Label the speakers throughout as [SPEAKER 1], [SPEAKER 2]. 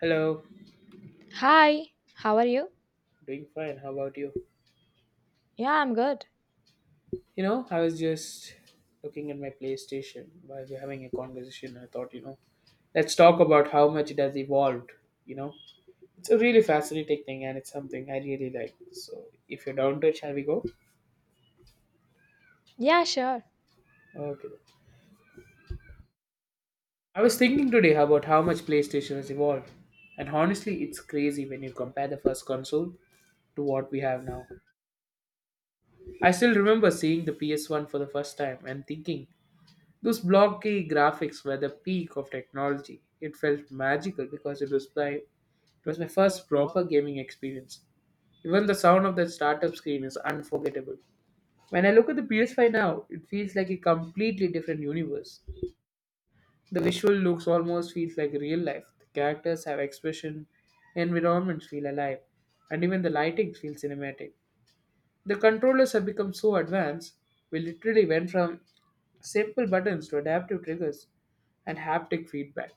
[SPEAKER 1] Hello,
[SPEAKER 2] Hi, how are you?
[SPEAKER 1] doing fine. How about you?
[SPEAKER 2] Yeah, I'm good.
[SPEAKER 1] I was just looking at my PlayStation while we're having a conversation. I thought, let's talk about how much it has evolved. You know, it's a really fascinating thing and it's something I really like. So, if you're down to it, shall we go?
[SPEAKER 2] Yeah, sure.
[SPEAKER 1] Okay. I was thinking today about how much PlayStation has evolved. And honestly, it's crazy when you compare the first console to what we have now. I still remember seeing the PS1 for the first time and thinking, those blocky graphics were the peak of technology. It felt magical because it was my first proper gaming experience. Even the sound of that startup screen is unforgettable. When I look at the PS5 now, it feels like a completely different universe. The visual looks almost feels like real life. The characters have expression, environments feel alive, and even the lighting feels cinematic. The controllers have become so advanced, we literally went from simple buttons to adaptive triggers and haptic feedback.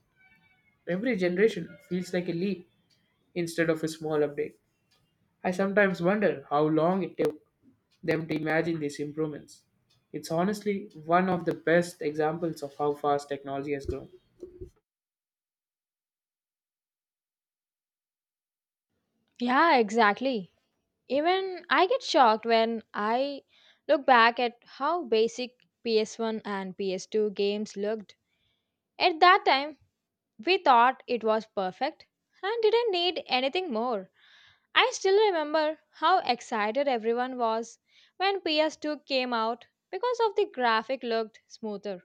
[SPEAKER 1] Every generation feels like a leap instead of a small update. I sometimes wonder how long it took them to imagine these improvements. It's honestly one of the best examples of how fast technology has grown.
[SPEAKER 2] Yeah, exactly. Even I get shocked when I look back at how basic PS1 and PS2 games looked. At that time, we thought it was perfect and didn't need anything more. I still remember how excited everyone was when PS2 came out because of the graphic looked smoother.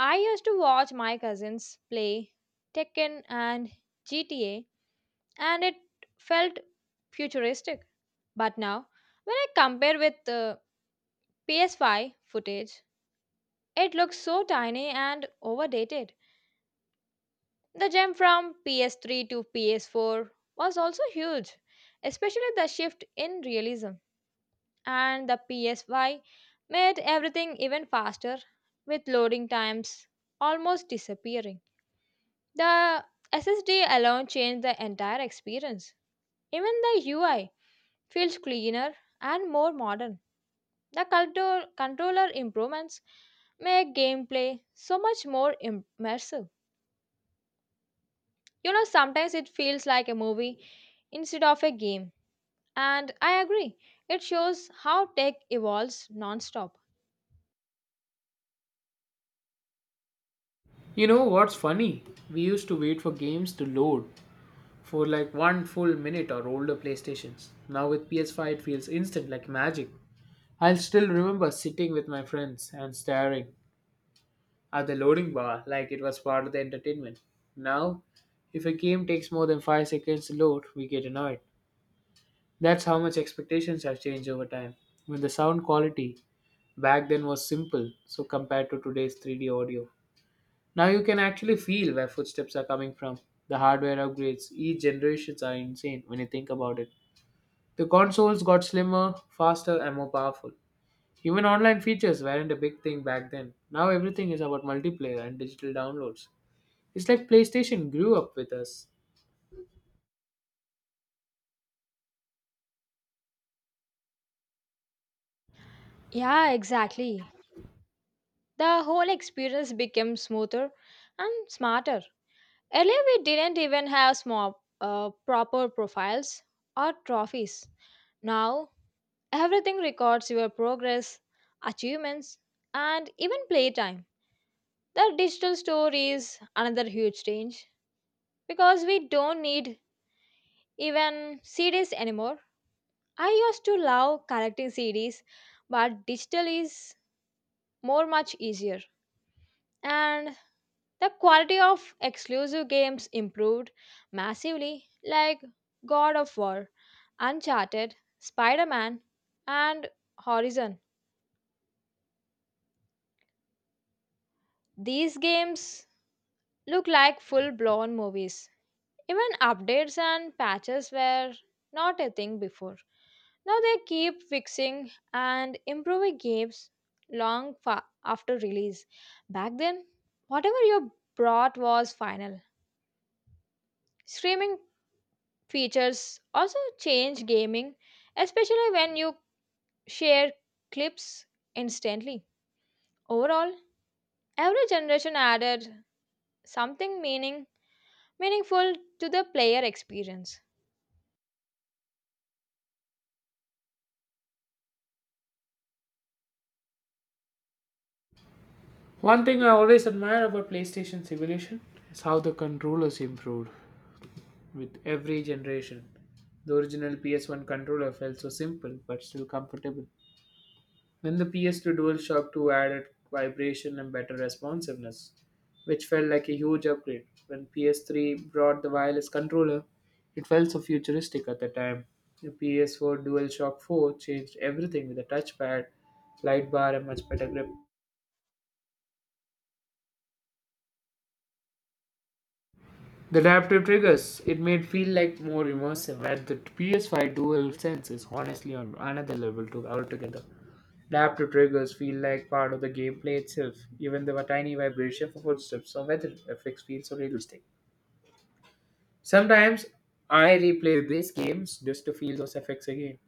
[SPEAKER 2] I used to watch my cousins play Tekken and GTA and it felt futuristic. But now, when I compare with the PS5 footage, it looks so tiny and overdated. The jump from PS3 to PS4 was also huge, especially the shift in realism. And the PS5 made everything even faster, with loading times almost disappearing. The SSD alone changed the entire experience. Even the UI feels cleaner and more modern. The controller improvements make gameplay so much more immersive. Sometimes it feels like a movie instead of a game, and I agree. It shows how tech evolves non-stop.
[SPEAKER 1] You know what's funny? We used to wait for games to load for like one full minute or older PlayStations. Now with PS5, it feels instant like magic. I'll still remember sitting with my friends and staring at the loading bar like it was part of the entertainment. Now, if a game takes more than 5 seconds to load, we get annoyed. That's how much expectations have changed over time. When the sound quality back then was simple, so compared to today's 3D audio. Now you can actually feel where footsteps are coming from. The hardware upgrades, each generations are insane when you think about it. The consoles got slimmer, faster, and more powerful. Even online features weren't a big thing back then. Now everything is about multiplayer and digital downloads. It's like PlayStation grew up with us.
[SPEAKER 2] Yeah, exactly. The whole experience became smoother and smarter. Earlier, we didn't even have proper profiles or trophies. Now, everything records your progress, achievements, and even playtime. The digital store is another huge change because we don't need even CDs anymore. I used to love collecting CDs, but digital is more much easier. And the quality of exclusive games improved massively, like God of War, Uncharted, Spider Man, and Horizon. These games look like full blown movies. Even updates and patches were not a thing before. Now they keep fixing and improving games long after release. Back then, whatever you brought was final. Streaming features also change gaming, especially when you share clips instantly. Overall, every generation added something meaningful to the player experience.
[SPEAKER 1] One thing I always admire about PlayStation's evolution is how the controllers improved with every generation. The original PS1 controller felt so simple but still comfortable. Then the PS2 DualShock 2 added vibration and better responsiveness, which felt like a huge upgrade. When PS3 brought the wireless controller, it felt so futuristic at the time. The PS4 DualShock 4 changed everything with a touchpad, light bar, and much better grip. The adaptive triggers, it made feel like more immersive, and the PS5 Dual Sense is honestly on another level to altogether. Adaptive triggers feel like part of the gameplay itself, even though a tiny vibration for footsteps or weather effects feels so realistic. Sometimes I replay these games just to feel those effects again.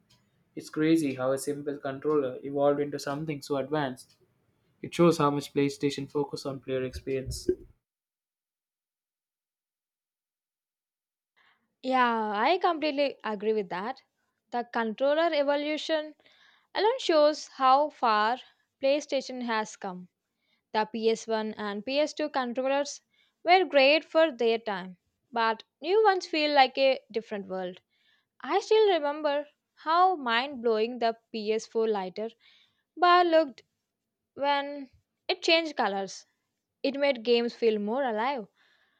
[SPEAKER 1] It's crazy how a simple controller evolved into something so advanced. It shows how much PlayStation focus on player experience.
[SPEAKER 2] Yeah, I completely agree with that. The controller evolution alone shows how far PlayStation has come. The PS1 and PS2 controllers were great for their time, but new ones feel like a different world. I still remember how mind blowing the PS4 lighter bar looked when it changed colors. It made games feel more alive.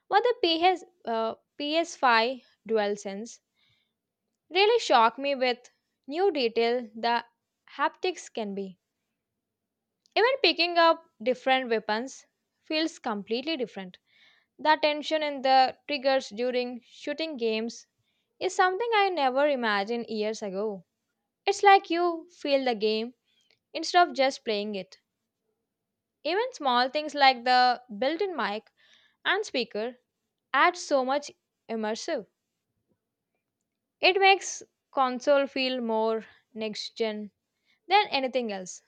[SPEAKER 2] But the PS5 DualSense really shocked me with new detail the haptics can be. Even picking up different weapons feels completely different. The tension in the triggers during shooting games is something I never imagined years ago. It's like you feel the game instead of just playing it. Even small things like the built in mic and speaker add so much immersive. It makes console feel more next gen than anything else.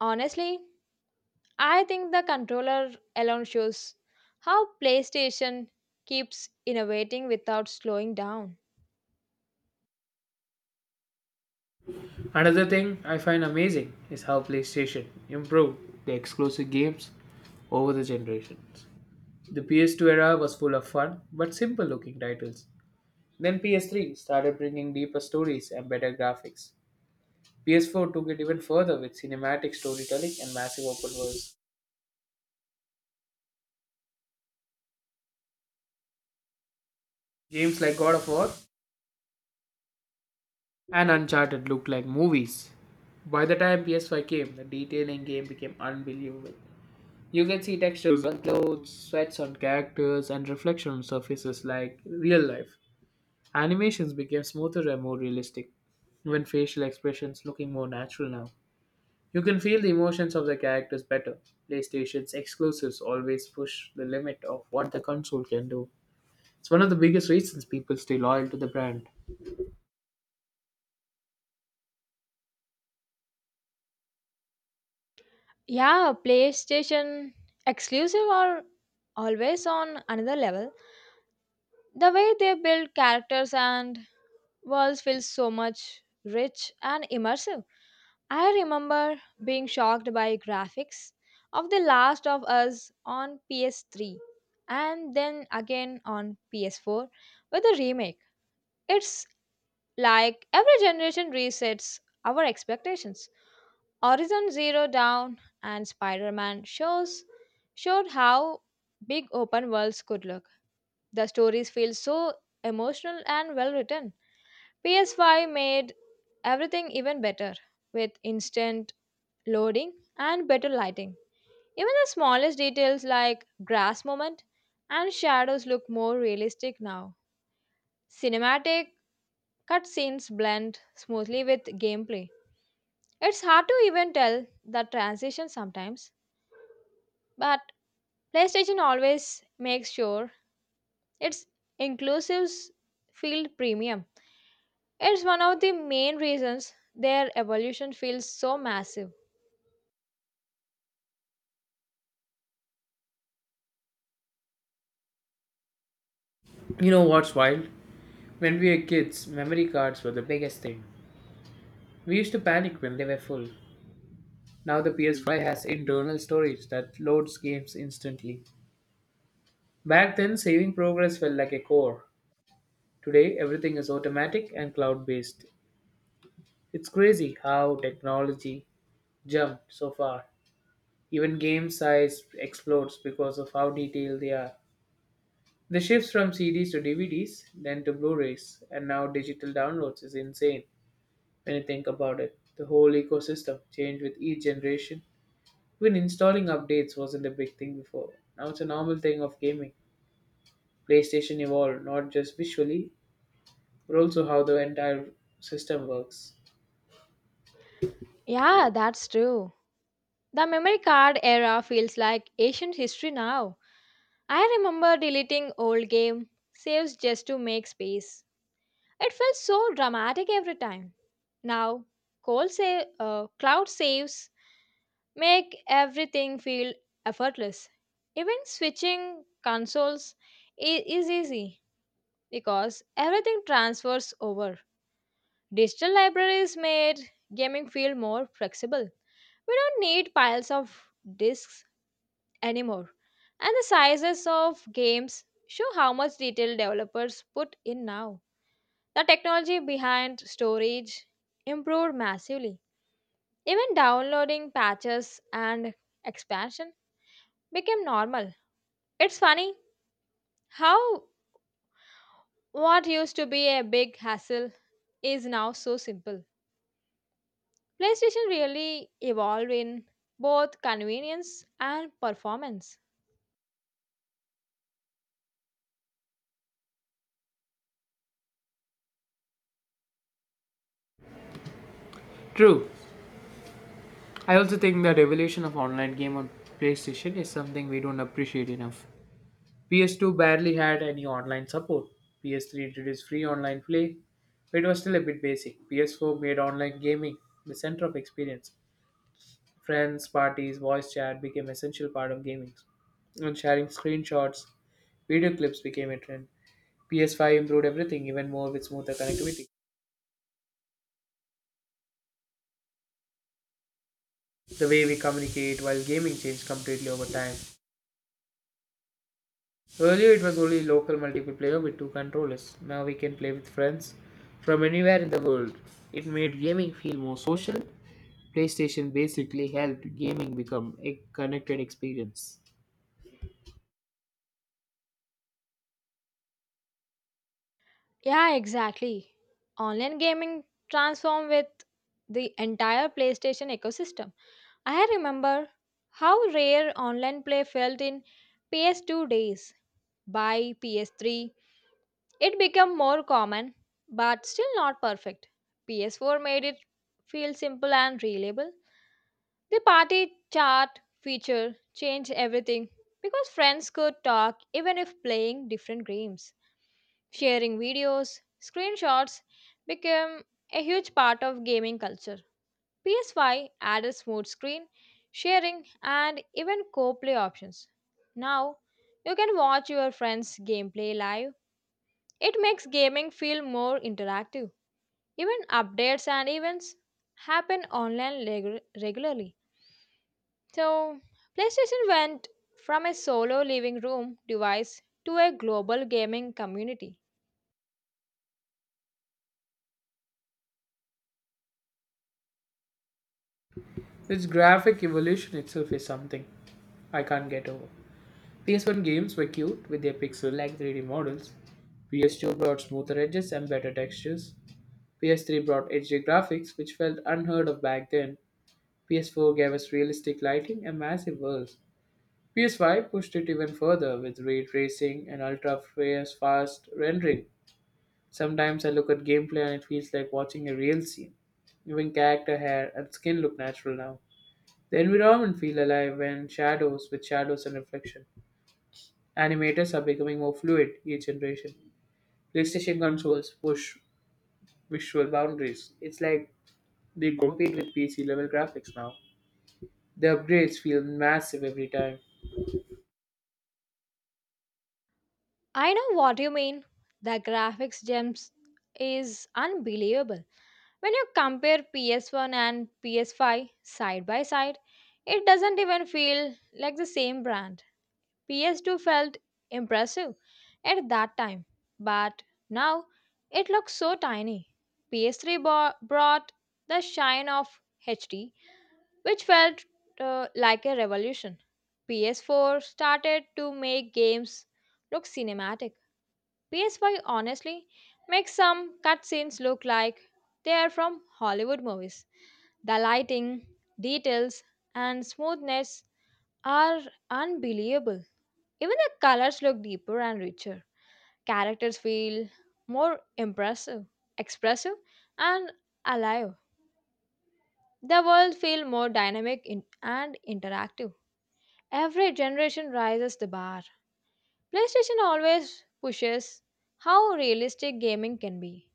[SPEAKER 2] Honestly, I think the controller alone shows how PlayStation keeps innovating without slowing down.
[SPEAKER 1] Another thing I find amazing is how PlayStation improved the exclusive games over the generations. The PS2 era was full of fun but simple looking titles. Then PS3 started bringing deeper stories and better graphics. PS4 took it even further with cinematic storytelling and massive open worlds. Games like God of War and Uncharted looked like movies. By the time PS5 came, the detail in game became unbelievable. You can see textures on clothes, sweats on characters, and reflection on surfaces like real life. Animations became smoother and more realistic, even facial expressions looking more natural now. You can feel the emotions of the characters better. PlayStation's exclusives always push the limit of what the console can do. It's one of the biggest reasons people stay loyal to the brand.
[SPEAKER 2] Yeah, PlayStation exclusive are always on another level. The way they build characters and worlds feels so much rich and immersive. I remember being shocked by graphics of The Last of Us on PS3 and then again on PS4 with a remake. It's like every generation resets our expectations. Horizon Zero Dawn and Spider-Man shows showed how big open worlds could look. The stories feel so emotional and well written. PS5 made everything even better with instant loading and better lighting. Even the smallest details like grass movement and shadows look more realistic now. Cinematic cutscenes blend smoothly with gameplay. It's hard to even tell the transition sometimes, but PlayStation always makes sure its inclusives feel premium. It's one of the main reasons their evolution feels so massive.
[SPEAKER 1] You know what's wild? When we were kids, memory cards were the biggest thing. We used to panic when they were full. Now the PS5 has internal storage that loads games instantly. Back then, saving progress felt like a chore. Today, everything is automatic and cloud based. It's crazy how technology jumped so far. Even game size explodes because of how detailed they are. The shifts from CDs to DVDs, then to Blu rays, and now digital downloads is insane when you think about it. The whole ecosystem changed with each generation. Even installing updates wasn't a big thing before. Now it's a normal thing of gaming. PlayStation evolved not just visually, but also how the entire system works.
[SPEAKER 2] Yeah, that's true. The memory card era feels like ancient history now. I remember deleting old game saves just to make space. It felt so dramatic every time. Now, cloud saves make everything feel effortless. Even switching consoles is easy because everything transfers over. Digital libraries made gaming feel more flexible. We don't need piles of discs anymore. And the sizes of games show how much detail developers put in now. The technology behind storage improved massively. Even downloading patches and expansion became normal. It's funny how what used to be a big hassle is now so simple. PlayStation really evolved in both convenience and performance.
[SPEAKER 1] True. I also think the revolution of online game on PlayStation is something we don't appreciate enough. PS2 barely had any online support. PS3 introduced free online play, but it was still a bit basic. PS4 made online gaming the center of experience. Friends, parties, voice chat became essential part of gaming. And sharing screenshots, video clips became a trend. PS5 improved everything even more with smoother connectivity. The way we communicate while gaming changed completely over time. Earlier, it was only local multiplayer with two controllers. Now we can play with friends from anywhere in the world. It made gaming feel more social. PlayStation basically helped gaming become a connected experience.
[SPEAKER 2] Yeah, exactly. Online gaming transformed with the entire PlayStation ecosystem. I remember how rare online play felt in PS2 days. By PS3, it became more common, but still not perfect. PS4 made it feel simple and reliable. The party chat feature changed everything because friends could talk even if playing different games. Sharing videos, screenshots became a huge part of gaming culture. PS5 added smooth screen, sharing, and even co play options. Now, you can watch your friends' gameplay live. It makes gaming feel more interactive. Even updates and events happen online regularly. So, PlayStation went from a solo living room device to a global gaming community.
[SPEAKER 1] Its graphic evolution itself is something I can't get over. PS1 games were cute with their pixel like 3D models. PS2 brought smoother edges and better textures. PS3 brought HD graphics, which felt unheard of back then. PS4 gave us realistic lighting and massive worlds. PS5 pushed it even further with ray tracing and ultra fast rendering. Sometimes I look at gameplay and it feels like watching a real scene. Even character hair and skin look natural now. The environment feel alive when shadows with shadows and reflection. Animators are becoming more fluid each generation. PlayStation consoles push visual boundaries. It's like they compete with PC level graphics now. The upgrades feel massive every time.
[SPEAKER 2] I know what you mean. The graphics gems is unbelievable. When you compare PS1 and PS5 side by side, it doesn't even feel like the same brand. PS2 felt impressive at that time, but now it looks so tiny. PS3 brought the shine of HD, which felt like a revolution. PS4 started to make games look cinematic. PS5 honestly makes some cutscenes look like they are from Hollywood movies. The lighting, details, and smoothness are unbelievable. Even the colors look deeper and richer. Characters feel more impressive, expressive, and alive. The world feels more dynamic and interactive. Every generation rises the bar. PlayStation always pushes how realistic gaming can be.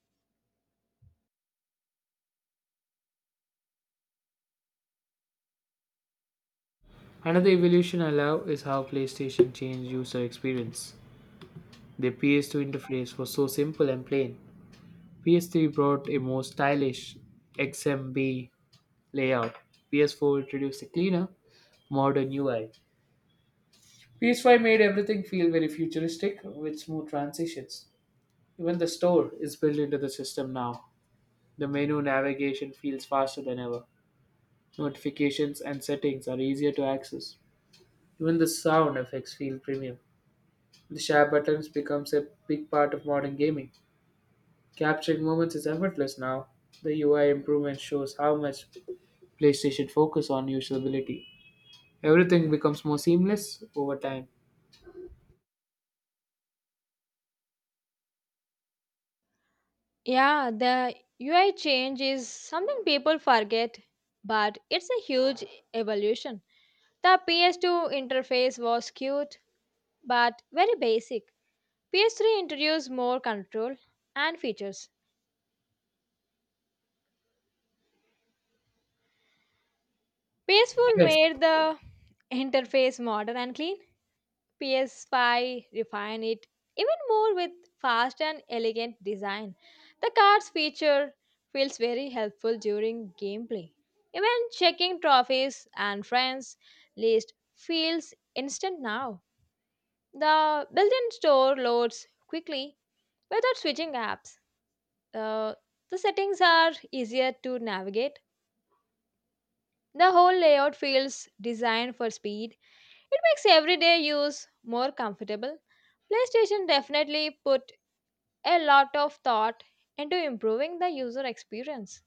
[SPEAKER 1] Another evolution I love is how PlayStation changed user experience. The PS2 interface was so simple and plain. PS3 brought a more stylish XMB layout. PS4 introduced a cleaner, modern UI. PS5 made everything feel very futuristic with smooth transitions. Even the store is built into the system now. The menu navigation feels faster than ever. Notifications and settings are easier to access. Even the sound effects feel premium. The share buttons becomes a big part of modern gaming. Capturing moments is effortless now. The UI improvement shows how much PlayStation focus on usability. Everything becomes more seamless over time.
[SPEAKER 2] Yeah, the UI change is something people forget, but it's a huge evolution. The PS2 interface was cute but very basic. PS3 introduced more control and features. PS4
[SPEAKER 1] Yes.
[SPEAKER 2] made the interface modern and clean. PS5 refined it even more with fast and elegant design. The cards feature feels very helpful during gameplay. Even checking trophies and friends list feels instant now. The built-in store loads quickly without switching apps, uh, the settings are easier to navigate. The whole layout feels designed for speed. It makes everyday use more comfortable. PlayStation definitely put a lot of thought into improving the user experience.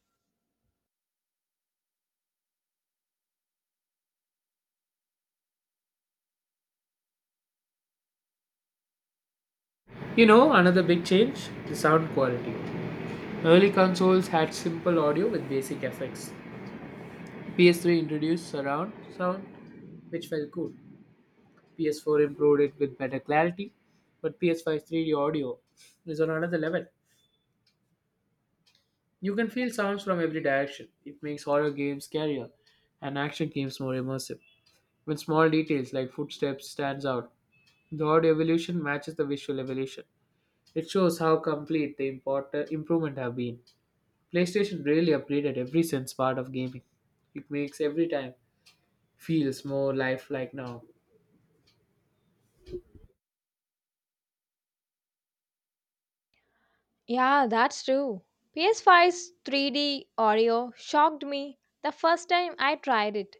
[SPEAKER 1] Another big change, the sound quality. Early consoles had simple audio with basic effects. PS3 introduced surround sound, which felt cool. PS4 improved it with better clarity, but PS5 3D audio is on another level. You can feel sounds from every direction. It makes horror games scarier and action games more immersive. When small details like footsteps stands out, the audio evolution matches the visual evolution. It shows how complete the improvement have been. PlayStation really upgraded every sense part of gaming. It makes every time feels more lifelike now.
[SPEAKER 2] Yeah, that's true. PS5's 3D audio shocked me the first time I tried it.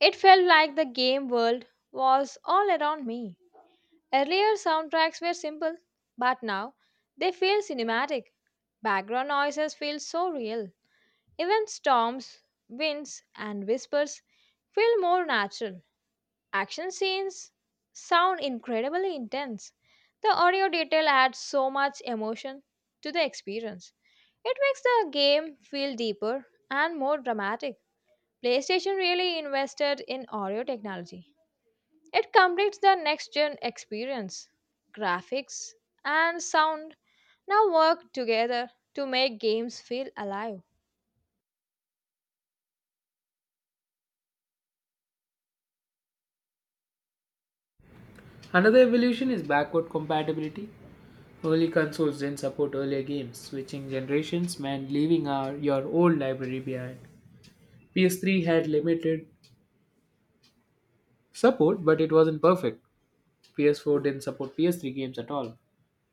[SPEAKER 2] It felt like the game world was all around me. Earlier soundtracks were simple, but now they feel cinematic. Background noises feel so real. Even storms, winds, and whispers feel more natural. Action scenes sound incredibly intense. The audio detail adds so much emotion to the experience. It makes the game feel deeper and more dramatic. PlayStation really invested in audio technology. It completes the next gen experience. Graphics and sound now work together to make games feel alive.
[SPEAKER 1] Another evolution is backward compatibility. Early consoles didn't support earlier games. Switching generations meant leaving your old library behind. PS3 had limited support, but it wasn't perfect. PS4 didn't support PS3 games at all,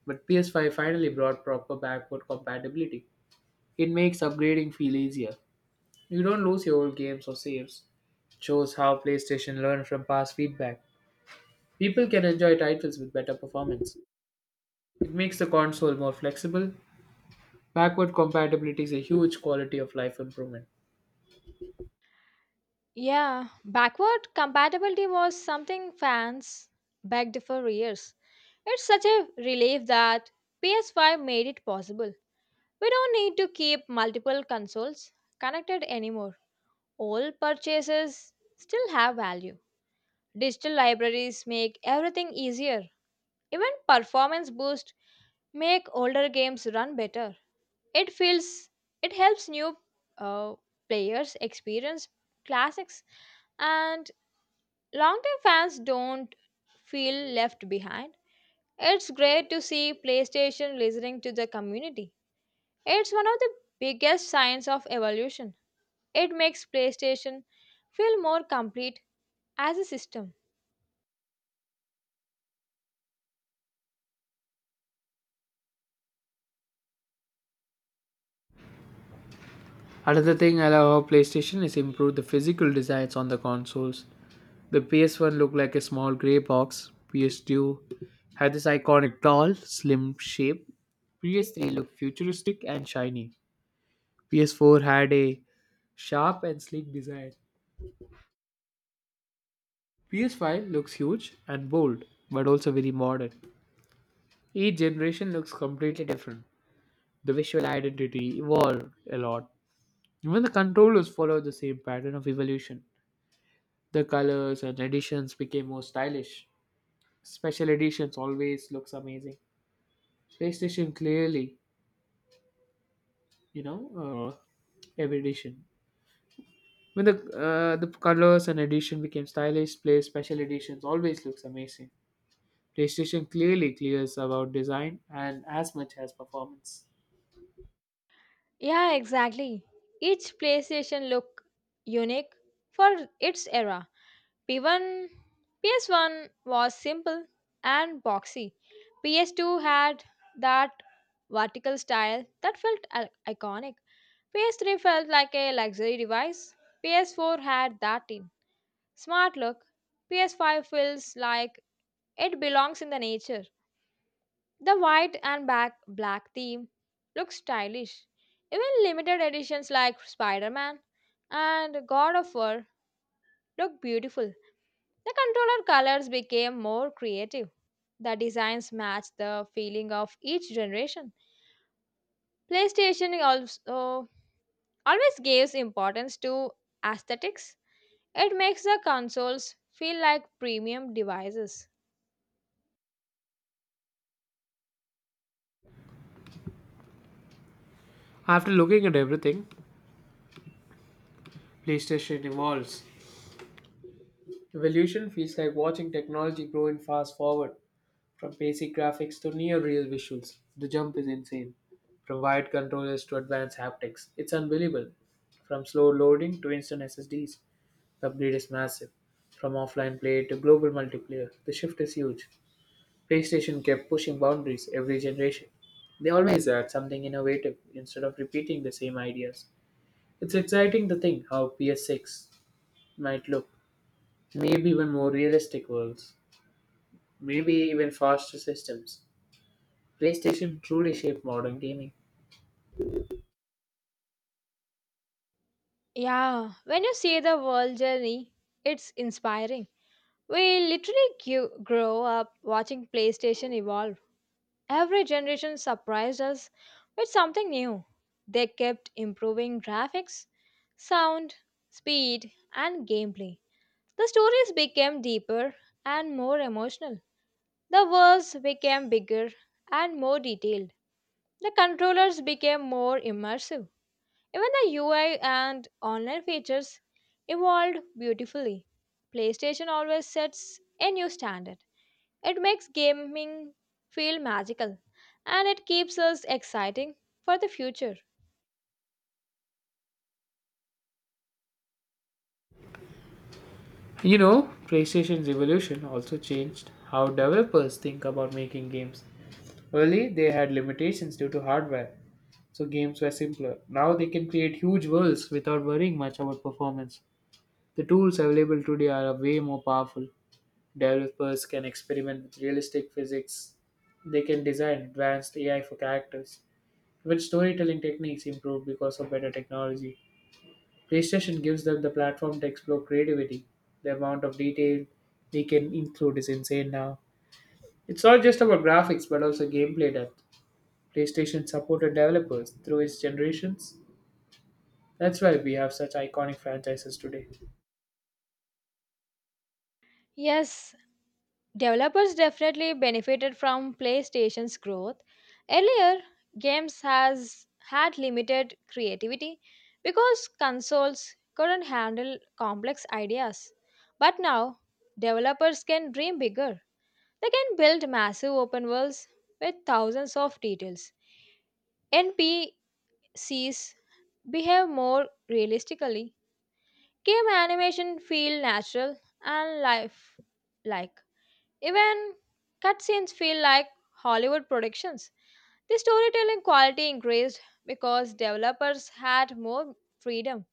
[SPEAKER 1] but PS5 finally brought proper backward compatibility. It makes upgrading feel easier. You don't lose your old games or saves. It shows how PlayStation learned from past feedback. People can enjoy titles with better performance. It makes the console more flexible. Backward compatibility is a huge quality of life improvement.
[SPEAKER 2] Yeah, backward compatibility was something fans begged for years. It's such a relief that PS5 made it possible. We don't need to keep multiple consoles connected anymore. All purchases still have value. Digital libraries make everything easier. Even performance boost make older games run better. It feels it helps new uh, players experience classics and longtime fans don't feel left behind. It's great to see PlayStation listening to the community. It's one of the biggest signs of evolution. It makes PlayStation feel more complete as a system.
[SPEAKER 1] Another thing I love how PlayStation is improved the physical designs on the consoles. The PS1 looked like a small grey box, PS2 had this iconic tall, slim shape. PS3 looked futuristic and shiny. PS4 had a sharp and sleek design. PS5 looks huge and bold, but also very modern. Each generation looks completely different. The visual identity evolved a lot. Even the controllers followed the same pattern of evolution. The colors and editions became more stylish. Special editions always looks amazing. PlayStation clearly, you know, every edition When the colors and edition became stylish, Play special editions always looks amazing. PlayStation clearly clears about design and as much as performance.
[SPEAKER 2] Yeah, exactly. Each PlayStation look unique for its era. P1, PS1 was simple and boxy. PS2 had that vertical style that felt iconic. PS3 felt like a luxury device. PS4 had that in smart look. PS5 feels like it belongs in the nature. The white and back black theme looks stylish. Even limited editions like Spider-Man and God of War look beautiful. The controller colors became more creative. The designs matched the feeling of each generation. PlayStation also always gives importance to aesthetics. It makes the consoles feel like premium devices.
[SPEAKER 1] After looking at everything, PlayStation evolves. Evolution feels like watching technology grow in fast forward, from basic graphics to near real visuals. The jump is insane. From wired controllers to advanced haptics, it's unbelievable. From slow loading to instant SSDs. The upgrade is massive. From offline play to global multiplayer, the shift is huge. PlayStation kept pushing boundaries every generation. They always add something innovative instead of repeating the same ideas. It's exciting to think how PS6 might look. Maybe even more realistic worlds. Maybe even faster systems. PlayStation truly shaped modern gaming.
[SPEAKER 2] Yeah, when you see the world journey, it's inspiring. We literally grew, grow up watching PlayStation evolve. Every generation surprised us with something new. They kept improving graphics, sound, speed, and gameplay. The stories became deeper and more emotional. The worlds became bigger and more detailed. The controllers became more immersive. Even the UI and online features evolved beautifully. PlayStation always sets a new standard. It makes gaming feel magical and it keeps us exciting for the future.
[SPEAKER 1] PlayStation's evolution also changed how developers think about making games. Early, they had limitations due to hardware, so games were simpler. Now they can create huge worlds without worrying much about performance. The tools available today are way more powerful. Developers can experiment with realistic physics. They can design advanced AI for characters. Even storytelling techniques improved because of better technology. PlayStation gives them the platform to explore creativity. The amount of detail they can include is insane now. It's not just about graphics but also gameplay depth. PlayStation supported developers through its generations. That's why we have such iconic franchises today.
[SPEAKER 2] Yes, developers definitely benefited from PlayStation's growth. Earlier, games has had limited creativity because consoles couldn't handle complex ideas. But now, developers can dream bigger. They can build massive open worlds with thousands of details. NP Sees behave more realistically. Game animation feel natural and life like. Even cutscenes feel like Hollywood productions. The storytelling quality increased because developers had more freedom.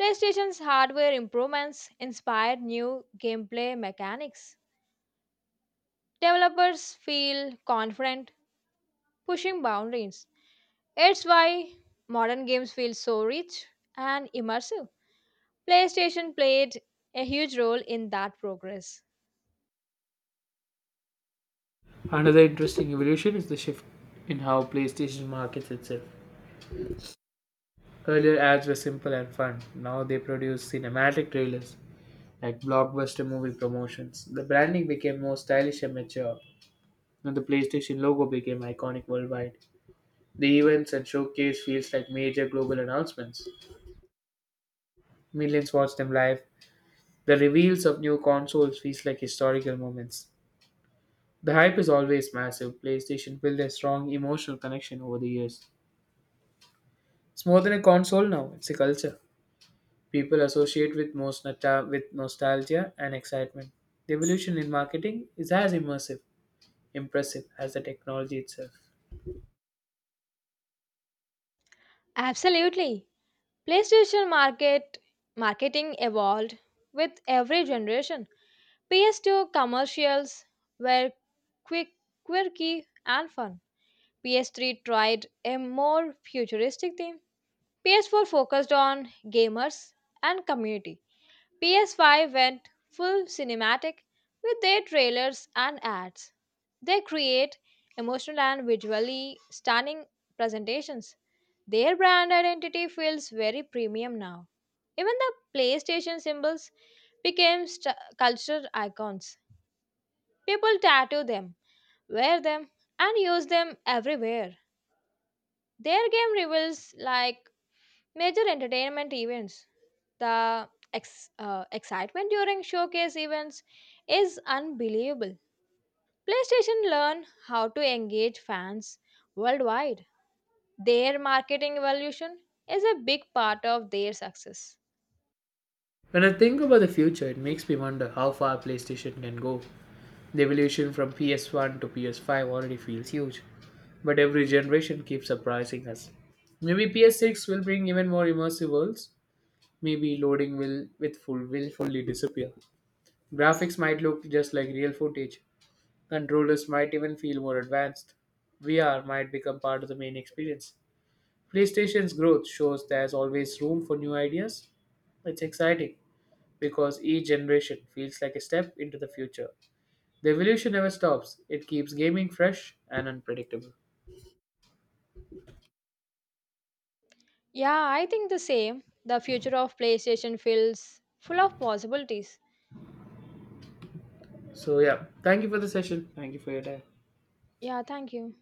[SPEAKER 2] PlayStation's hardware improvements inspired new gameplay mechanics. Developers feel confident pushing boundaries. It's why modern games feel so rich and immersive. PlayStation played a huge role in that progress.
[SPEAKER 1] Another interesting evolution is the shift in how PlayStation markets itself. Earlier ads were simple and fun. Now they produce cinematic trailers like blockbuster movie promotions. The branding became more stylish and mature, and the PlayStation logo became iconic worldwide. The events and showcase feels like major global announcements. Millions watch them live. The reveals of new consoles feels like historical moments. The hype is always massive. PlayStation built a strong emotional connection over the years. It's more than a console now, it's a culture. People associate with with nostalgia and excitement. The evolution in marketing is as immersive, impressive as the technology itself.
[SPEAKER 2] Absolutely. PlayStation marketing evolved with every generation. PS2 commercials were quick, quirky and fun. PS3 tried a more futuristic theme. PS4 focused on gamers and community. PS5 went full cinematic with their trailers and ads. They create emotional and visually stunning presentations. Their brand identity feels very premium now. Even the PlayStation symbols became cultural icons. People tattoo them, wear them, and use them everywhere. Their game reveals like major entertainment events. The excitement during showcase events is unbelievable. PlayStation learned how to engage fans worldwide. Their marketing evolution is a big part of their success.
[SPEAKER 1] When I think about the future, it makes me wonder how far PlayStation can go. The evolution from PS1 to PS5 already feels huge, but every generation keeps surprising us. Maybe PS6 will bring even more immersive worlds, maybe loading will fully disappear. Graphics might look just like real footage. Controllers might even feel more advanced. VR might become part of the main experience. PlayStation's growth shows there's always room for new ideas. It's exciting because each generation feels like a step into the future. The evolution never stops. It keeps gaming fresh and unpredictable.
[SPEAKER 2] Yeah, I think the same. The future of PlayStation feels full of possibilities.
[SPEAKER 1] So yeah, thank you for the session. Thank you for your time.
[SPEAKER 2] Yeah, thank you.